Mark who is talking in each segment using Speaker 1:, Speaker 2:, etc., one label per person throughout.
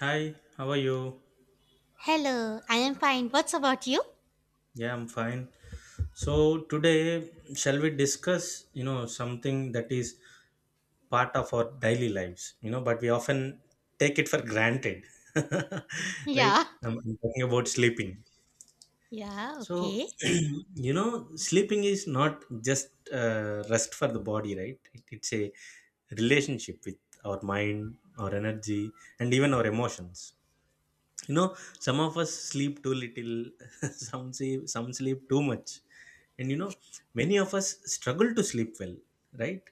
Speaker 1: Hi, how are you?
Speaker 2: Hello, I am fine. What's about you?
Speaker 1: Yeah, I'm fine. So today, shall we discuss, you know, something that is part of our daily lives, you know, but we often take it for granted,
Speaker 2: Yeah,
Speaker 1: right? I'm talking about sleeping.
Speaker 2: yeah,
Speaker 1: So,
Speaker 2: Okay.
Speaker 1: you know, sleeping is not just rest for the body, right? It's a relationship with our mind, our energy, and even our emotions. You know, some of us sleep too little. Some sleep, too much. And you know, many of us struggle to sleep well, right?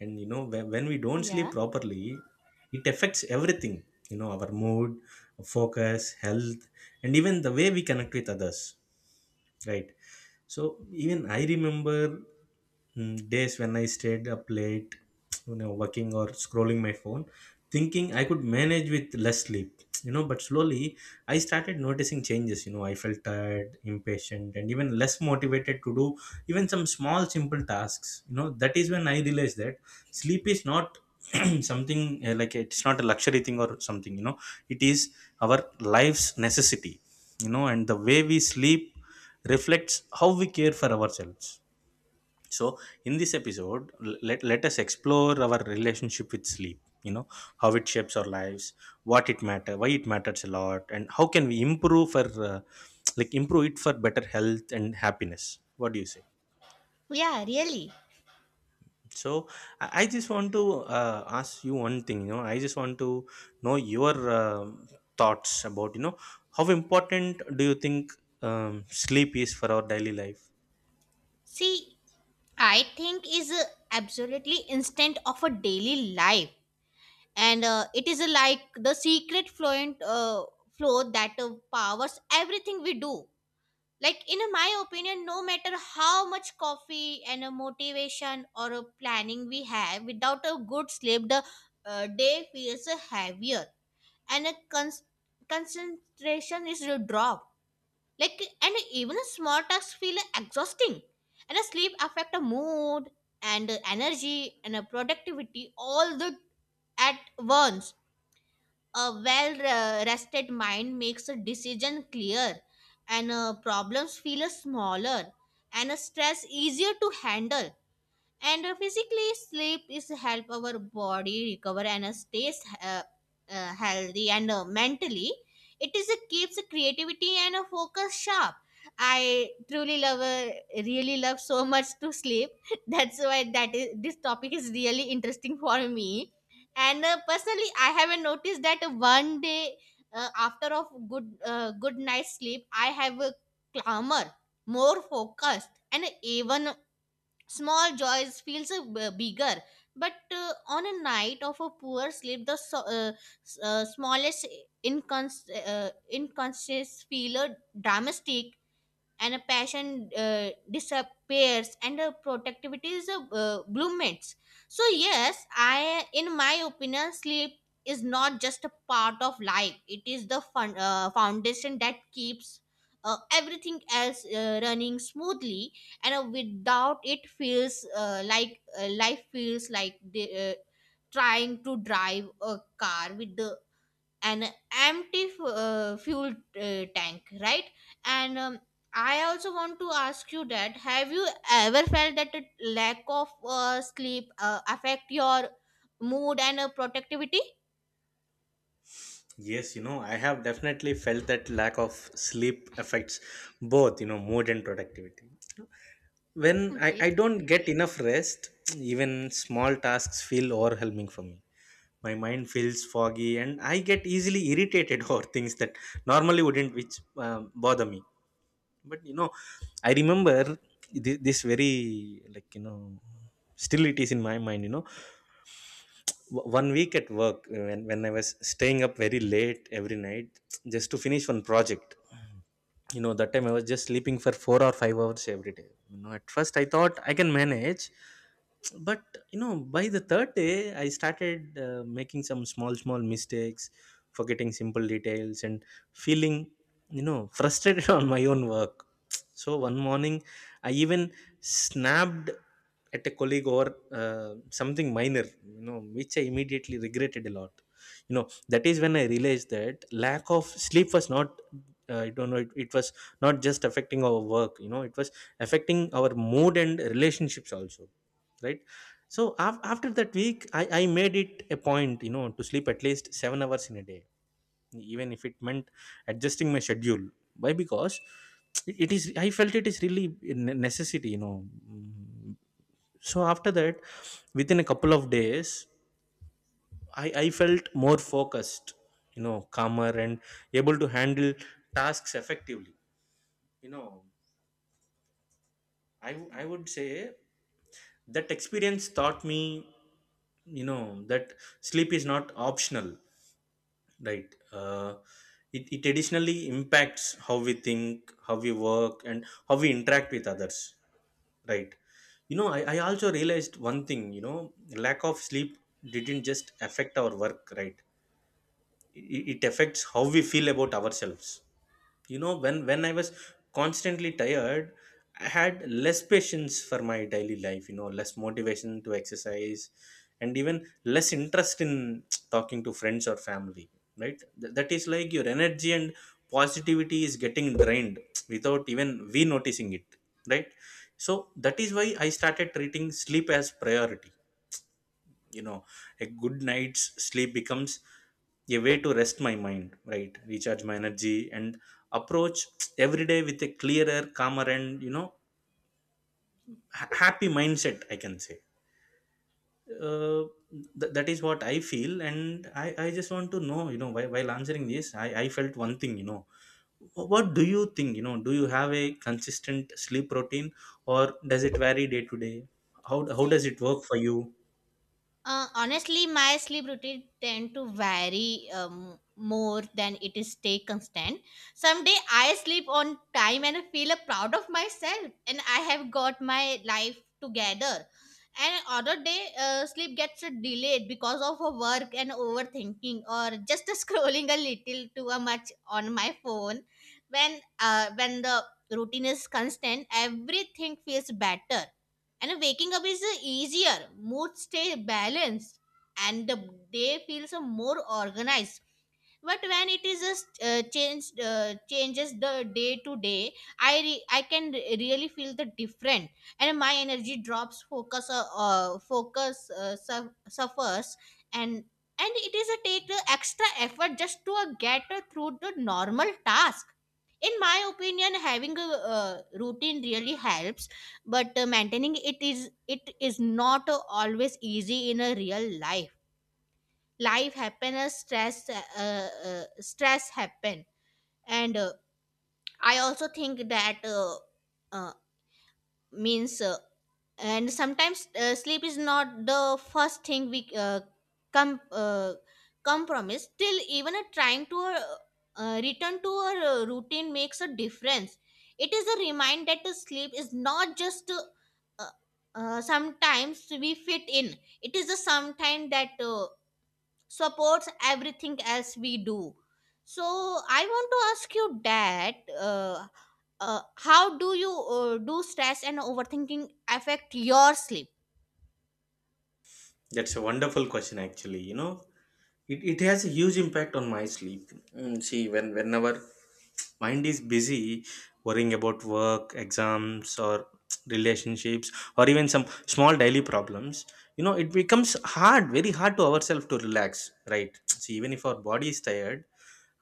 Speaker 1: And you know, when we don't sleep
Speaker 2: Yeah,
Speaker 1: properly, it affects everything, you know, our mood, focus, health, and even the way we connect with others, right? So even I remember, days when I stayed up late, you know, working or scrolling my phone, thinking I could manage with less sleep. You know, but slowly I started noticing changes. You know, I felt tired, impatient, and even less motivated to do even some small simple tasks. You know, that is when I realized that sleep is not something, like it's not a luxury thing or something, you know. It is our life's necessity. You know, and the way we sleep reflects how we care for ourselves. So in this episode, let us explore our relationship with sleep, you know, how it shapes our lives, what it matter why it matters a lot, and how can we improve for like improve it for better health and happiness. What do you say?
Speaker 2: yeah, really.
Speaker 1: So I just want to ask you one thing. You know, I just want to know your um thoughts about, you know, how important do you think sleep is for our daily life.
Speaker 2: See, I think is a absolutely instant of a daily life, and it is a, like the secret fluent flow that powers everything we do. Like in my opinion, no matter how much coffee and a motivation or a planning we have, without a good sleep, the day feels heavier and a concentration is your drop. Like and even a small tasks feel exhausting, and a sleep affect a mood and energy and a productivity all the at once. A well rested mind makes a decision clear, and problems feel smaller, and stress easier to handle and physically sleep is help our body recover and stays healthy and mentally it is a keeps creativity and a focus sharp. I truly love really love so much to sleep that's why that is this topic is really interesting for me. And personally I haven't noticed that one day after of good night sleep I have a calmer, more focused, and even small joys feels bigger. But on a night of a poor sleep the smallest inconsistencies feel dramatic, and a passion disappears and a productivity is a bloommates. So yes, I in my opinion sleep is not just a part of life, it is the foundation that keeps everything else running smoothly. And without it feels like life feels like trying to drive a car with the an fuel tank, right? And I also want to ask you that have you ever felt that the lack of sleep affect your mood and productivity?
Speaker 1: Yes, you know, I have definitely felt that lack of sleep affects both, you know, mood and productivity. When I
Speaker 2: Okay.
Speaker 1: don't get enough rest, even small tasks feel overwhelming for me. My mind feels foggy and I get easily irritated over things that normally wouldn't, which bother me. But you know, I remember this very, like, you know, still it is in my mind. You know, one week at work, when, I was staying up very late every night just to finish one project. You know, that time I was just sleeping for 4 or 5 hours every day. You know, at first I thought I can manage, but you know, by the third day I started making some small small mistakes, forgetting simple details, and feeling, you know, frustrated on my own work. So one morning I even snapped at a colleague over something minor, you know, which I immediately regretted a lot. You know, that is when I realized that lack of sleep was not, I don't know, it was not just affecting our work. You know, it was affecting our mood and relationships also, right? So after that week, I made it a point, you know, to sleep at least 7 hours in a day, even if it meant adjusting my schedule. Why? Because it is I felt it is really a necessity, you know. Mm, so after that, within a couple of days, I felt more focused, you know, calmer and able to handle tasks effectively. You know, I would say that experience taught me, you know, that sleep is not optional. Right. It, additionally impacts how we think, how we work, and how we interact with others. Right. You know, I also realized one thing. You know, lack of sleep didn't just affect our work, right? It affects how we feel about ourselves. You know, when I was constantly tired, I had less patience for my daily life. You know, less motivation to exercise, and even less interest in talking to friends or family. Right. That is like your energy and positivity is getting drained without even we noticing it, right? So that is why I started treating sleep as priority. You know, a good night's sleep becomes a way to rest my mind, right, recharge my energy, and approach every day with a clearer, calmer, and you know, happy mindset, I can say. uh, that is what I feel, and I just want to know, you know, while, answering this, I felt one thing. You know, what do you think? You know, do you have a consistent sleep routine or does it vary day to day? How, does
Speaker 2: See,
Speaker 1: it work for you?
Speaker 2: Honestly, my sleep routine tend to vary more than it is stay constant. Someday I sleep on time and I feel proud of myself and I have got my life together. And other day, sleep gets delayed because of a work and overthinking or just scrolling a little too much on my phone. When the routine is constant, everything feels better and waking up is easier, mood stay balanced, and the day feels more organized. But when it is just changed changes the day to day, I really feel the different and my energy drops, focus suffers, and and it is a take the extra effort just to get through the normal task. In my opinion having a uh, routine really helps, but maintaining it is not always easy in a real life. Life happen, stress happen. And I also think that uh, means and sometimes sleep is not the first thing we com- uh, compromise, still even a trying to return to a routine makes a difference. It is a reminder that the sleep is not just uh, sometimes we fit in, it is a sometime that supports everything else we do. So I want to ask you that how do you do stress and overthinking affect your sleep?
Speaker 1: That's a wonderful question, actually. You know, it has a huge impact on my sleep. Mm, see, whenever mind is busy worrying about work, exams, or relationships, or even some small daily problems. You know, it becomes hard, very hard, to ourselves to relax, right? See, even if our body is tired,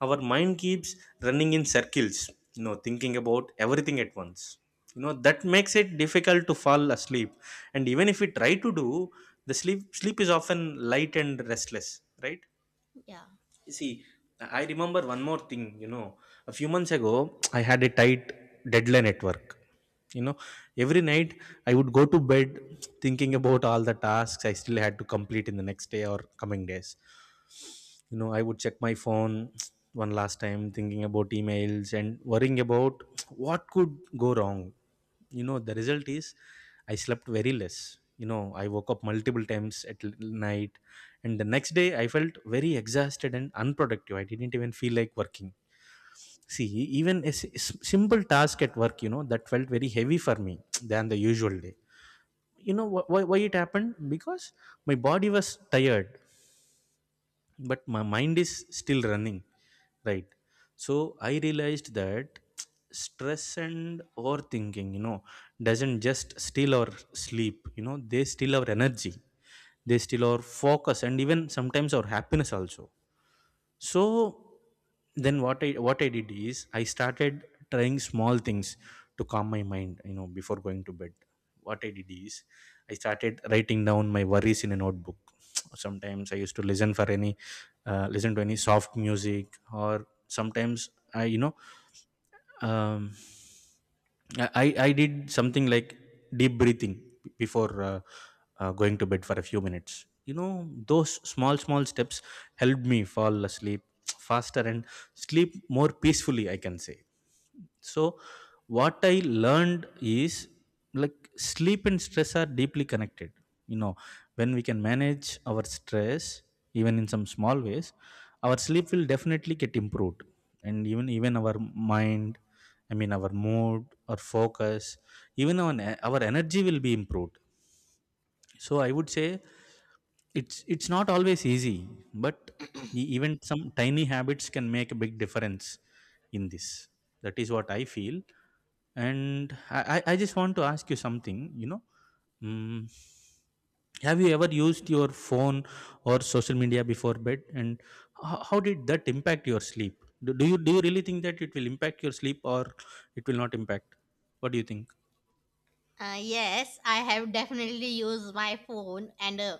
Speaker 1: our mind keeps running in circles, you know, thinking about everything at once. You know, that makes it difficult to fall asleep. And even if we try to do the sleep, sleep is often light and restless, right?
Speaker 2: Yeah.
Speaker 1: You See, I remember one more thing, you know. A few months ago, I had a tight deadline at work. You know, every night I would go to bed thinking about all the tasks I still had to complete in the next day or coming days. You know, I would check my phone one last time, thinking about emails and worrying about what could go wrong. You know, the result is I slept very less. You know, I woke up multiple times at night, and the next day I felt very exhausted and unproductive. I didn't even feel like working. See, even a simple task at work, you know, that felt very heavy for me than the usual day. You know, why it happened? Because my body was tired, but my mind is still running, right? So I realized that stress and overthinking, you know, doesn't just steal our sleep. You know, they steal our energy, they steal our focus, and even sometimes our happiness also. So then what I did is I started trying small things to calm my mind, you know, before going to bed. What I did is I started writing down my worries in a notebook. Sometimes I used to listen for any, listen to any soft music. Or sometimes I, you know, um, I did something like deep breathing before going to bed for a few minutes. You know, those small small steps helped me fall asleep faster and sleep more peacefully, I can say. So, what I learned is like sleep and stress are deeply connected. You know, when we can manage our stress, even in some small ways, our sleep will definitely get improved, and even our mind, I mean, our mood, our focus, even our energy will be improved. So, I would say it's not always easy, but even some tiny habits can make a big difference in this. That is what I feel, and I just want to ask you something, you know. Mm, have you ever used your phone or social media before bed? And how, did that impact your sleep? Do, do you really think that it will impact your sleep or it will not impact? What do you think?
Speaker 2: Yes, I have definitely used my phone and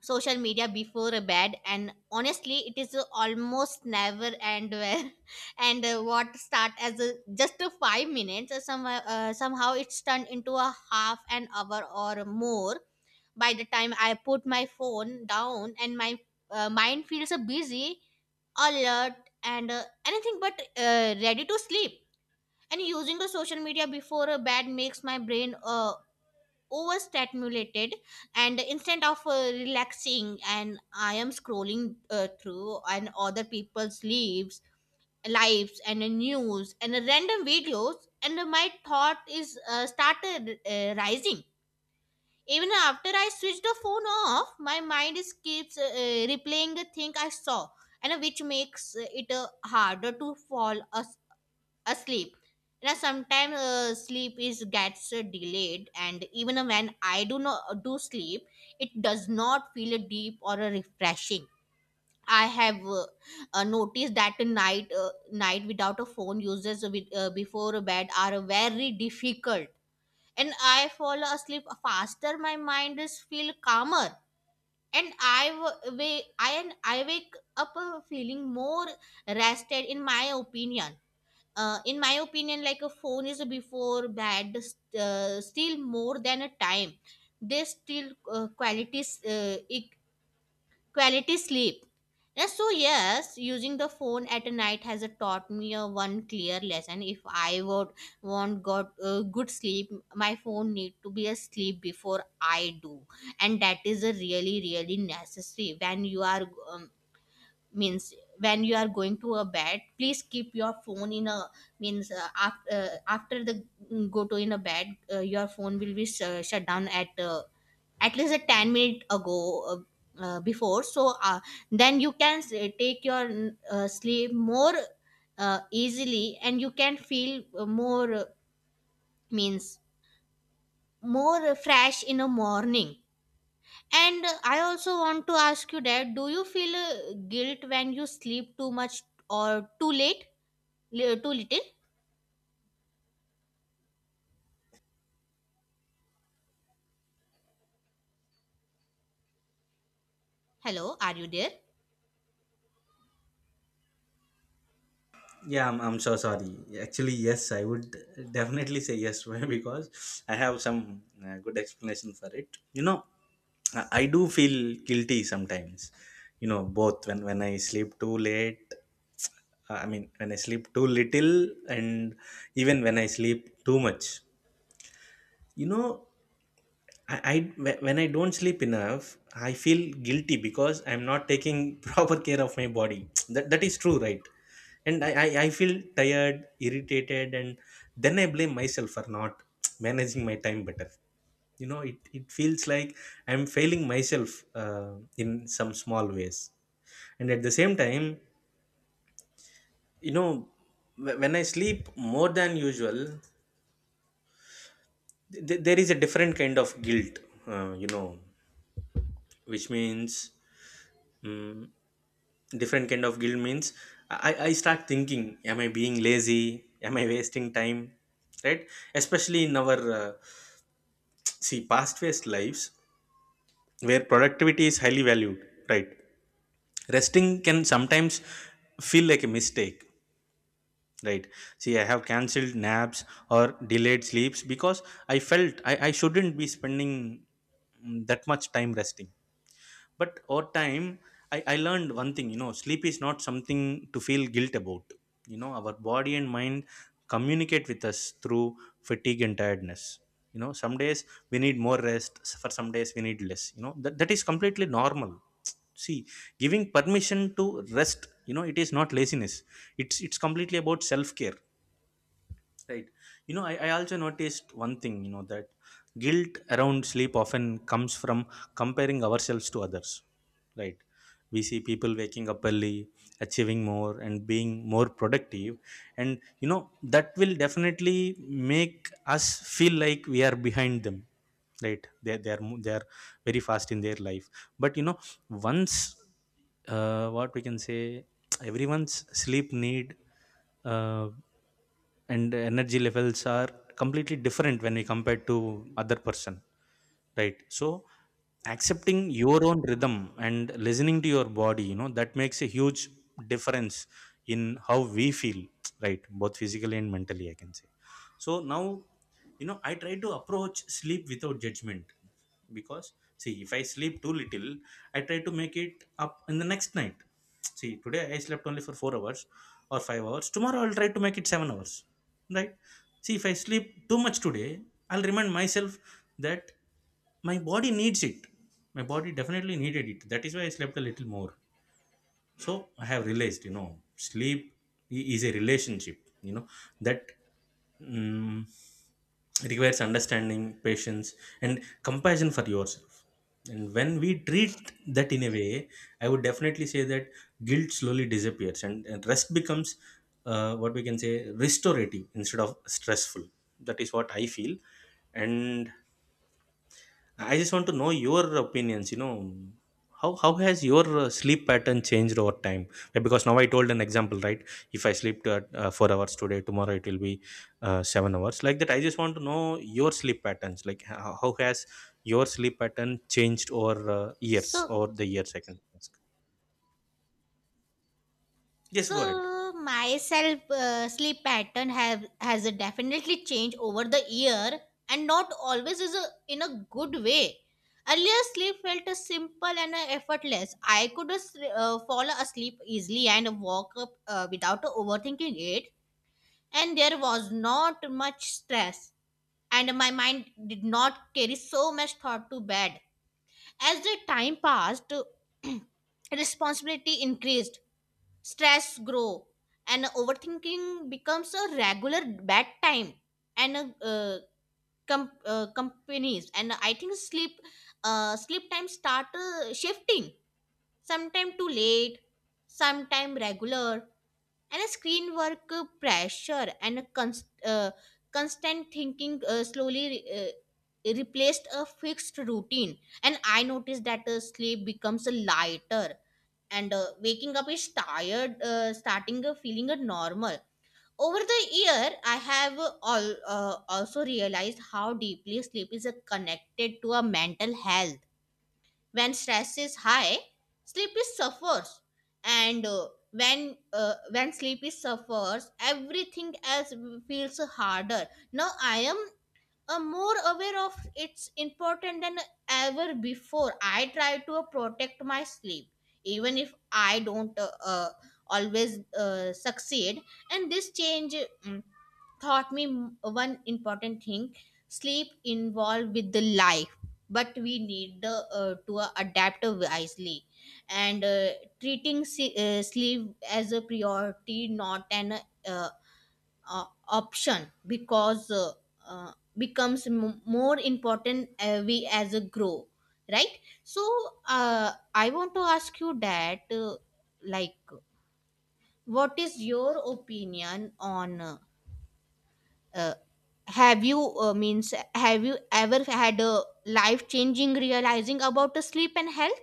Speaker 2: social media before bed, and honestly it is almost never and where and what start as just a 5 minutes somehow it's turned into a half an hour or more. By the time I put my phone down and my mind feels busy, alert, and anything but ready to sleep. And using the social media before bed makes my brain overstimulated, and instead of relaxing and I am scrolling through and other people's lives and news and random videos and my thought is started rising. Even after I switch the phone off, my mind is keeps replaying the thing I saw, and which makes it harder to fall asleep. You know, sometimes sleep is gets delayed, and even when I do not do sleep, it does not feel deep or refreshing. I have noticed that a night without a phone uses before bed are very difficult, and I fall asleep faster. My mind is feel calmer, and I w- wa- I and I wake up feeling more rested. In my opinion, like a phone is before bed still more than a time. They still quality sleep. Yes, so yes, using the phone at night has taught me a one clear lesson. If I would want got good sleep, my phone need to be asleep before I do, and that is a really really necessary. When you are um, means when you are going to a bed, please keep your phone in a means after after the go to in a bed, your phone will be shut down at least a 10 minute ago before, so then you can take your sleep more easily and you can feel more means more fresh in the morning. And I also want to ask you that do you feel guilt when you sleep too much or too late? Too little? Hello, are you there?
Speaker 1: Yeah, I'm so sorry. Actually, yes, I would definitely say yes. Why? Because I have some good explanation for it. You know, I do feel guilty sometimes. You know, both when I sleep too late. I mean, when I sleep too little, and even when I sleep too much. You know, I when I don't sleep enough, I feel guilty because I'm not taking proper care of my body. That is true, right? And I feel tired, irritated, and then I blame myself for not managing my time better. You know, it feels like I'm failing myself in some small ways. And at the same time, you know, when I sleep more than usual, there is a different kind of guilt, you know, which means. mm, Different kind of guilt means I start thinking, am I being lazy? Am I wasting time? Right, especially in our see past based lives where productivity is highly valued. Right, resting can sometimes feel like a mistake. Right, see, I have cancelled naps or delayed sleeps because I felt I shouldn't be spending that much time resting. But over time, I learned one thing, you know, sleep is not something to feel guilt about. You know, our body and mind communicate with us through fatigue and tiredness. You know, some days we need more rest, for some days we need less. You know that is completely normal. See, giving permission to rest, you know, it is not laziness. It's completely about self care. Right. You know, I also noticed one thing, you know, that guilt around sleep often comes from comparing ourselves to others. Right. We see people waking up early, achieving more, and being more productive. And, you know, that will definitely make us feel like we are behind them. Right. They are very fast in their life. But, you know, once, what we can say, everyone's sleep need, uh, and energy levels are completely different when we compare to other person. Right, so accepting your own rhythm and listening to your body, you know, that makes a huge difference in how we feel, right, both physically and mentally, I can say. So now, you know, I try to approach sleep without judgment, because, see, if I sleep too little, I try to make it up in the next night. See, today I slept only for 4 hours or 5 hours. Tomorrow I'll try to make it 7 hours. Right? See, if I sleep too much today, I'll remind myself that my body needs it. My body definitely needed it. That is why I slept a little more. So I have realized, you know, sleep is a relationship, you know, that mm requires understanding, patience, and compassion for yourself. And when we treat that in a way, I would definitely say that guilt slowly disappears, and rest becomes, what we can say, restorative instead of stressful. That is what I feel. And I just want to know your opinions. You know, how has your sleep pattern changed over time? Because now I told an example, right? If I sleep 4 hours today, tomorrow it will be 7 hours, like that. I just want to know your sleep patterns. Like, how, has your sleep pattern changed over years
Speaker 2: So,
Speaker 1: or the years? I can ask. Yes, go ahead.
Speaker 2: so my self sleep pattern have has definitely changed over the year, and not always is a, in a good way. Earlier, sleep felt simple and effortless. I could fall asleep easily and walk up without overthinking it, and there was not much stress and my mind did not carry so much thought to bed. As the time passed, responsibility increased, stress grow, and overthinking becomes a regular bedtime and companies. And I think sleep sleep time start shifting. Sometime too late, sometime regular, and a screen work pressure and a constant thinking slowly replaced a fixed routine, and I noticed that sleep becomes a lighter and waking up is tired starting feeling a normal. Over the year I have also realized how deeply sleep is connected to a mental health. When stress is high, sleep is suffers, and when sleep is suffers, everything else feels harder. Now I am more aware of its important than ever before. I try to protect my sleep, even if I don't always succeed. And this change, mm, taught me one important thing: sleep involved with the life, but we need to adapt wisely and treating sleep as a priority not an uh, option, because uh, becomes more important we as a grow, right? So I want to ask you that like what is your opinion on uh, have you means have you ever had a life changing realizing about the sleep and health?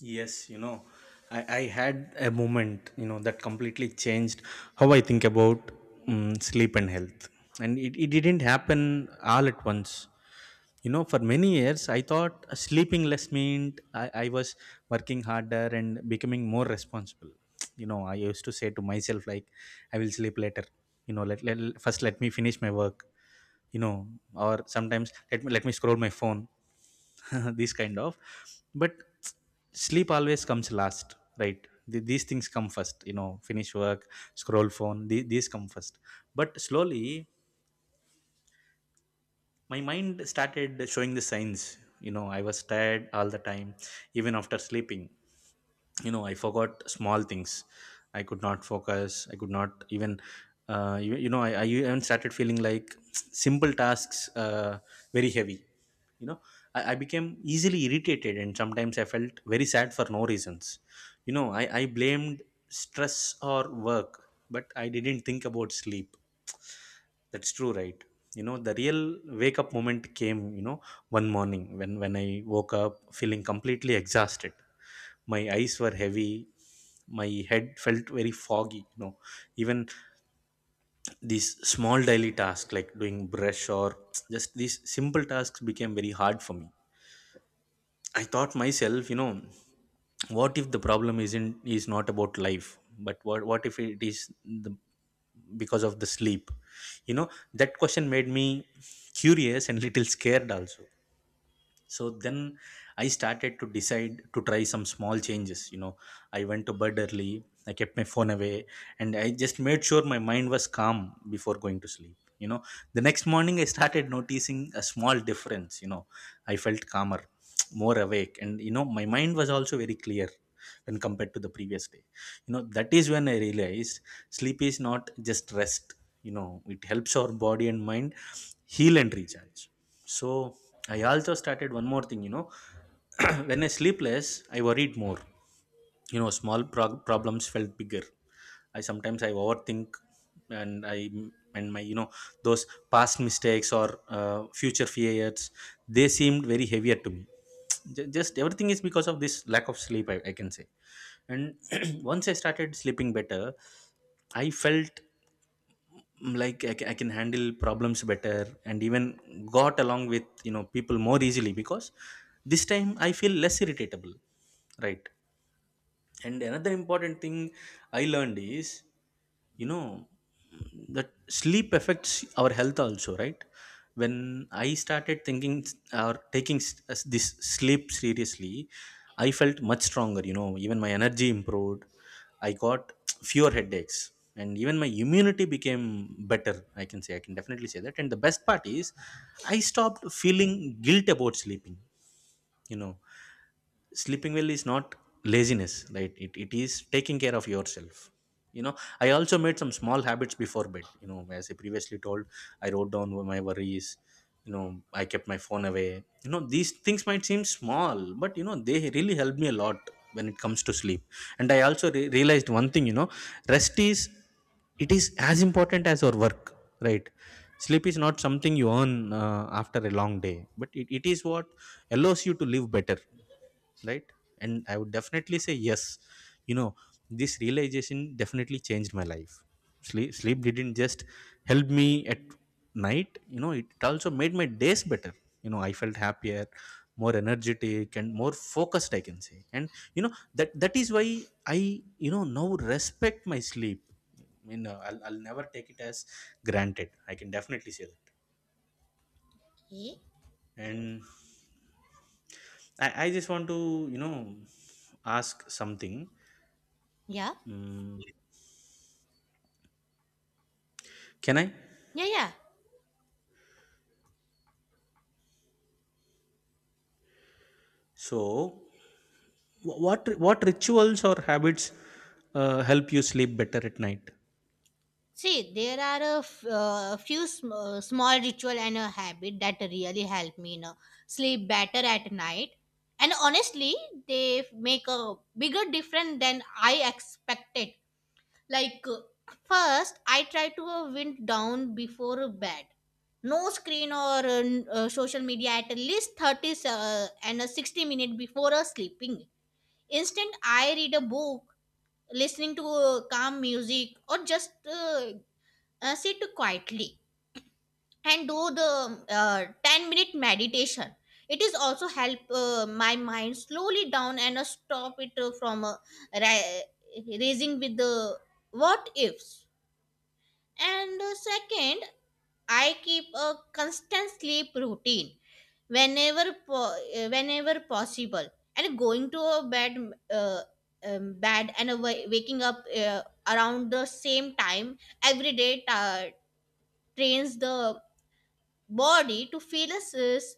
Speaker 1: Yes, you know, I had a moment, you know, that completely changed how I think about sleep and health. And it didn't happen all at once. You know, for many years, I thought sleeping less meant I was working harder and becoming more responsible. You know, I used to say to myself, like, I will sleep later. You know, first let me finish my work, you know, or sometimes let me scroll my phone. These kind of, but sleep always comes last. Right. These things come first, you know. Finish work, scroll phone, these come first. But slowly, my mind started showing the signs. You know, I was tired all the time, even after sleeping. You know, I forgot small things. I could not focus. I could not even, you know, I even started feeling like simple tasks, very heavy. You know, I became easily irritated, and sometimes I felt very sad for no reasons. You know, I blamed stress or work, but I didn't think about sleep. That's true, right? You know, the real wake up moment came, you know, one morning when, I woke up feeling completely exhausted. My eyes were heavy, my head felt very foggy, you know. Even these small daily tasks like doing brush or just these simple tasks became very hard for me. I thought myself, you know, what if the problem isn't is not about life, but what, if it is the, because of the sleep? You know, that question made me curious and little scared also. So then, I started to decide to try some small changes. You know, I went to bed early, I kept my phone away, and I just made sure my mind was calm before going to sleep. You know, the next morning, I started noticing a small difference. You know, I felt calmer, more awake, and you know, my mind was also very clear when compared to the previous day. You know, that is when I realized sleep is not just rest. You know, it helps our body and mind heal and recharge. So I also started one more thing, you know, when I sleep less, I worried more. You know, small problems felt bigger. I sometimes I overthink, and I and my you know, those past mistakes or future fears, they seemed very heavier to me. Just everything is because of this lack of sleep, I can say. And once I started sleeping better, I felt, like I can handle problems better and even got along with, you know, people more easily because this time I feel less irritable. Right. And another important thing I learned is, you know, that sleep affects our health also, right? When I started thinking or taking s- as this sleep seriously, I felt much stronger, you know, even my energy improved. I got fewer headaches and even my immunity became better. I can say, I can definitely say that. And the best part is, I stopped feeling guilt about sleeping. You know, sleeping well is not laziness, right, it is taking care of yourself. You know, I also made some small habits before bed, you know, as I previously told, I wrote down my worries, you know, I kept my phone away. You know, these things might seem small, but you know, they really helped me a lot when it comes to sleep. And I also realized one thing, you know, rest is, it is as important as our work. Right. Sleep is not something you earn after a long day, but it is what allows you to live better. Right. And I would definitely say yes, you know, this realization definitely changed my life. Sleep didn't just help me at night, you know, it also made my days better. You know, I felt happier, more energetic and more focused, I can say. And, you know, that is why I you know, now, respect my sleep. You know, I'll never take it as granted, I can definitely say that.
Speaker 2: Ye-
Speaker 1: And, I just want to, you know, ask something.
Speaker 2: Yeah,
Speaker 1: Mm, can I,
Speaker 2: yeah, yeah.
Speaker 1: so, what rituals or habits, help you sleep better at night?
Speaker 2: See, there are a few small ritual and a habit that really help me, sleep better at night. And honestly, they make a bigger difference than I expected. Like first, I try to wind down before bed, no screen or social media at least 30 and 60 minutes before sleeping. Instead I read a book, listening to calm music, or just sit quietly and do the 10-minute meditation. It is also help my mind slowly down and stop it ra- raising with the what ifs. And second, I keep a constant sleep routine whenever possible, and going to a bed uh, bed and a waking up around the same time every day trains the body to feel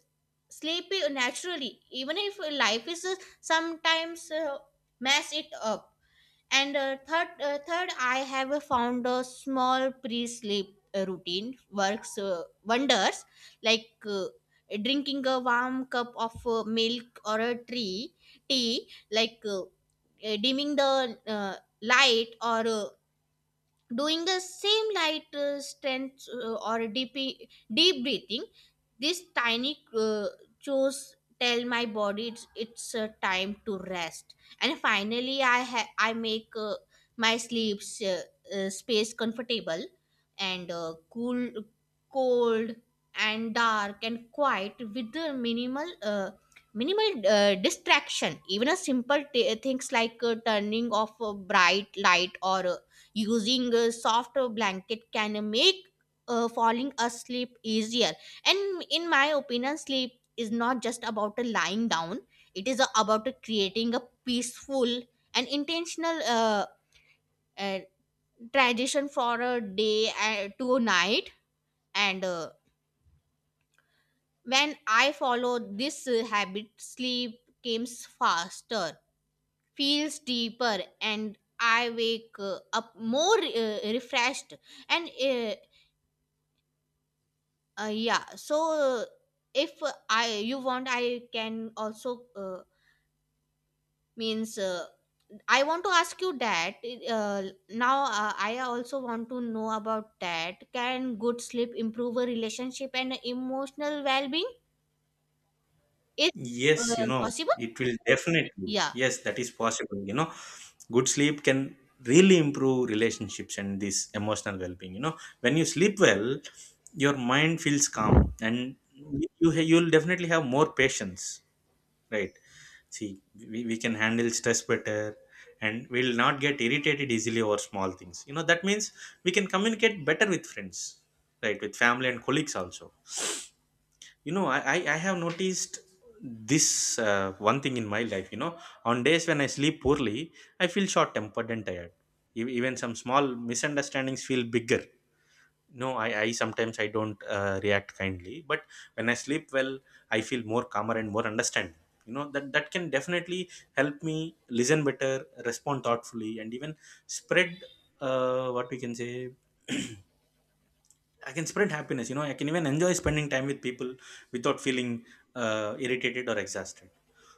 Speaker 2: sleepy naturally, even if life is sometimes mess it up. And third, I have found a small pre-sleep routine works wonders, like drinking a warm cup of milk or a tree tea, like dimming the light or doing the same light strength or deep breathing. This tiny chores tell my body it's time to rest. And finally I make my sleep uh, space comfortable and cool, cold, and dark and quiet with the minimal distraction. Even a simple things like turning off a bright light or using a soft blanket can make falling asleep easier. And in my opinion sleep is not just about a lying down, it is about a creating a peaceful and intentional uh, tradition for a day to a night. And when I follow this habit sleep comes faster, feels deeper, and I wake up more refreshed. And Yeah. So if I you want, I can also means I want to ask you that uh, now I also want to know about that. Can good sleep improve a relationship and emotional well-being? Is
Speaker 1: Yes, you know,
Speaker 2: possible?
Speaker 1: it will definitely,
Speaker 2: Yeah.
Speaker 1: yes, that is possible. You know, good sleep can really improve relationships and this emotional well-being. You know, when you sleep well, your mind feels calm and you'll definitely have more patience. Right. See, we can handle stress better, and we'll not get irritated easily over small things. You know, that means we can communicate better with friends, right? With family and colleagues also. You know, I have noticed this one thing in my life. You know, on days when I sleep poorly, I feel short tempered and tired. Even some small misunderstandings feel bigger. No, I sometimes I don't react kindly. But when I sleep well, I feel more calmer and more understanding. You know that can definitely help me listen better, respond thoughtfully, and even spread, what we can say, I can spread happiness. You know, I can even enjoy spending time with people without feeling irritated or exhausted.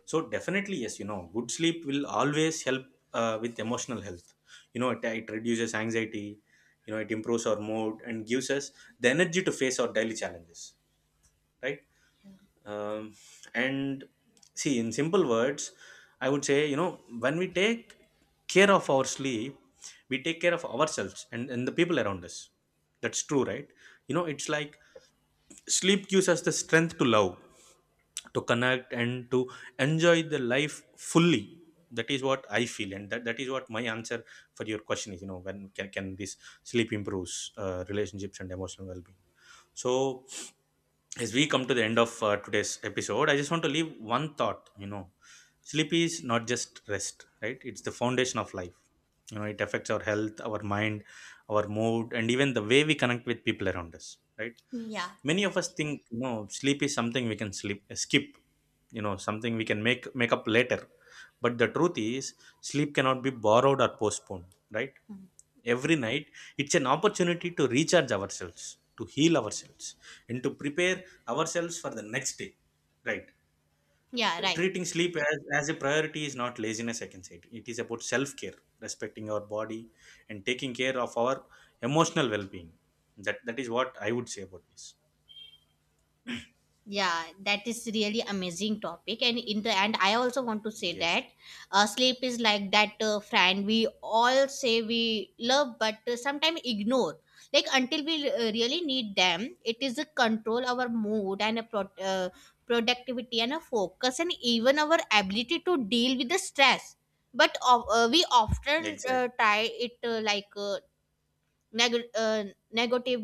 Speaker 1: So definitely, yes, you know, good sleep will always help with emotional health. You know, it reduces anxiety, you know, it improves our mood and gives us the energy to face our daily challenges, right? Um, and See, in simple words, I would say, you know, when we take care of our sleep, we take care of ourselves, and the people around us. That's true, right? You know, it's like sleep gives us the strength to love, to connect, and to enjoy the life fully. That is what I feel, and that is what my answer for your question is, you know, when can, this sleep improves relationships and emotional well-being. So as we come to the end of today's episode, I just want to leave one thought. You know, sleep is not just rest, right, it's the foundation of life. You know, it affects our health, our mind, our mood, and even the way we connect with people around us. Right.
Speaker 2: Yeah.
Speaker 1: Many of us think, you know, sleep is something we can sleep skip, you know, something we can make up later. But the truth is, sleep cannot be borrowed or postponed. Right. Every night, it's an opportunity to recharge ourselves, to heal ourselves, and to prepare ourselves for the next day. Right.
Speaker 2: Yeah. Right.
Speaker 1: Treating sleep as, a priority is not laziness, I can say it is about self-care, respecting our body and taking care of our emotional well-being. That is what I would say about this.
Speaker 2: Yeah, that is really amazing topic, and in the end I also want to say
Speaker 1: Yes.
Speaker 2: that sleep is like that friend we all say we love but sometimes ignore. Like until we really need them, it is a control our mood and a productivity and a focus and even our ability to deal with the stress. But we often
Speaker 1: Exactly.
Speaker 2: tie it neg- uh, negative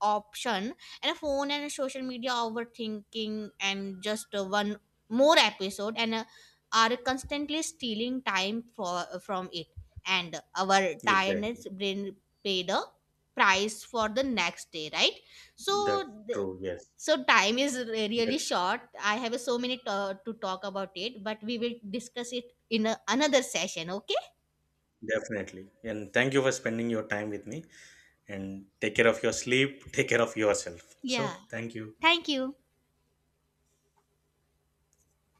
Speaker 2: option, and a phone and social media overthinking and just one more episode and are constantly stealing time from it, and our tiredness
Speaker 1: Exactly.
Speaker 2: brain pay the price for the next day, right? So
Speaker 1: That's
Speaker 2: th-
Speaker 1: true. Yes.
Speaker 2: so time is
Speaker 1: That,
Speaker 2: really short, I have so many to talk about it, but we will discuss it in a, another session, okay?
Speaker 1: definitely. And thank you for spending your time with me. And take care of your sleep. Take care of yourself.
Speaker 2: Yeah,
Speaker 1: So, thank you.
Speaker 2: thank you.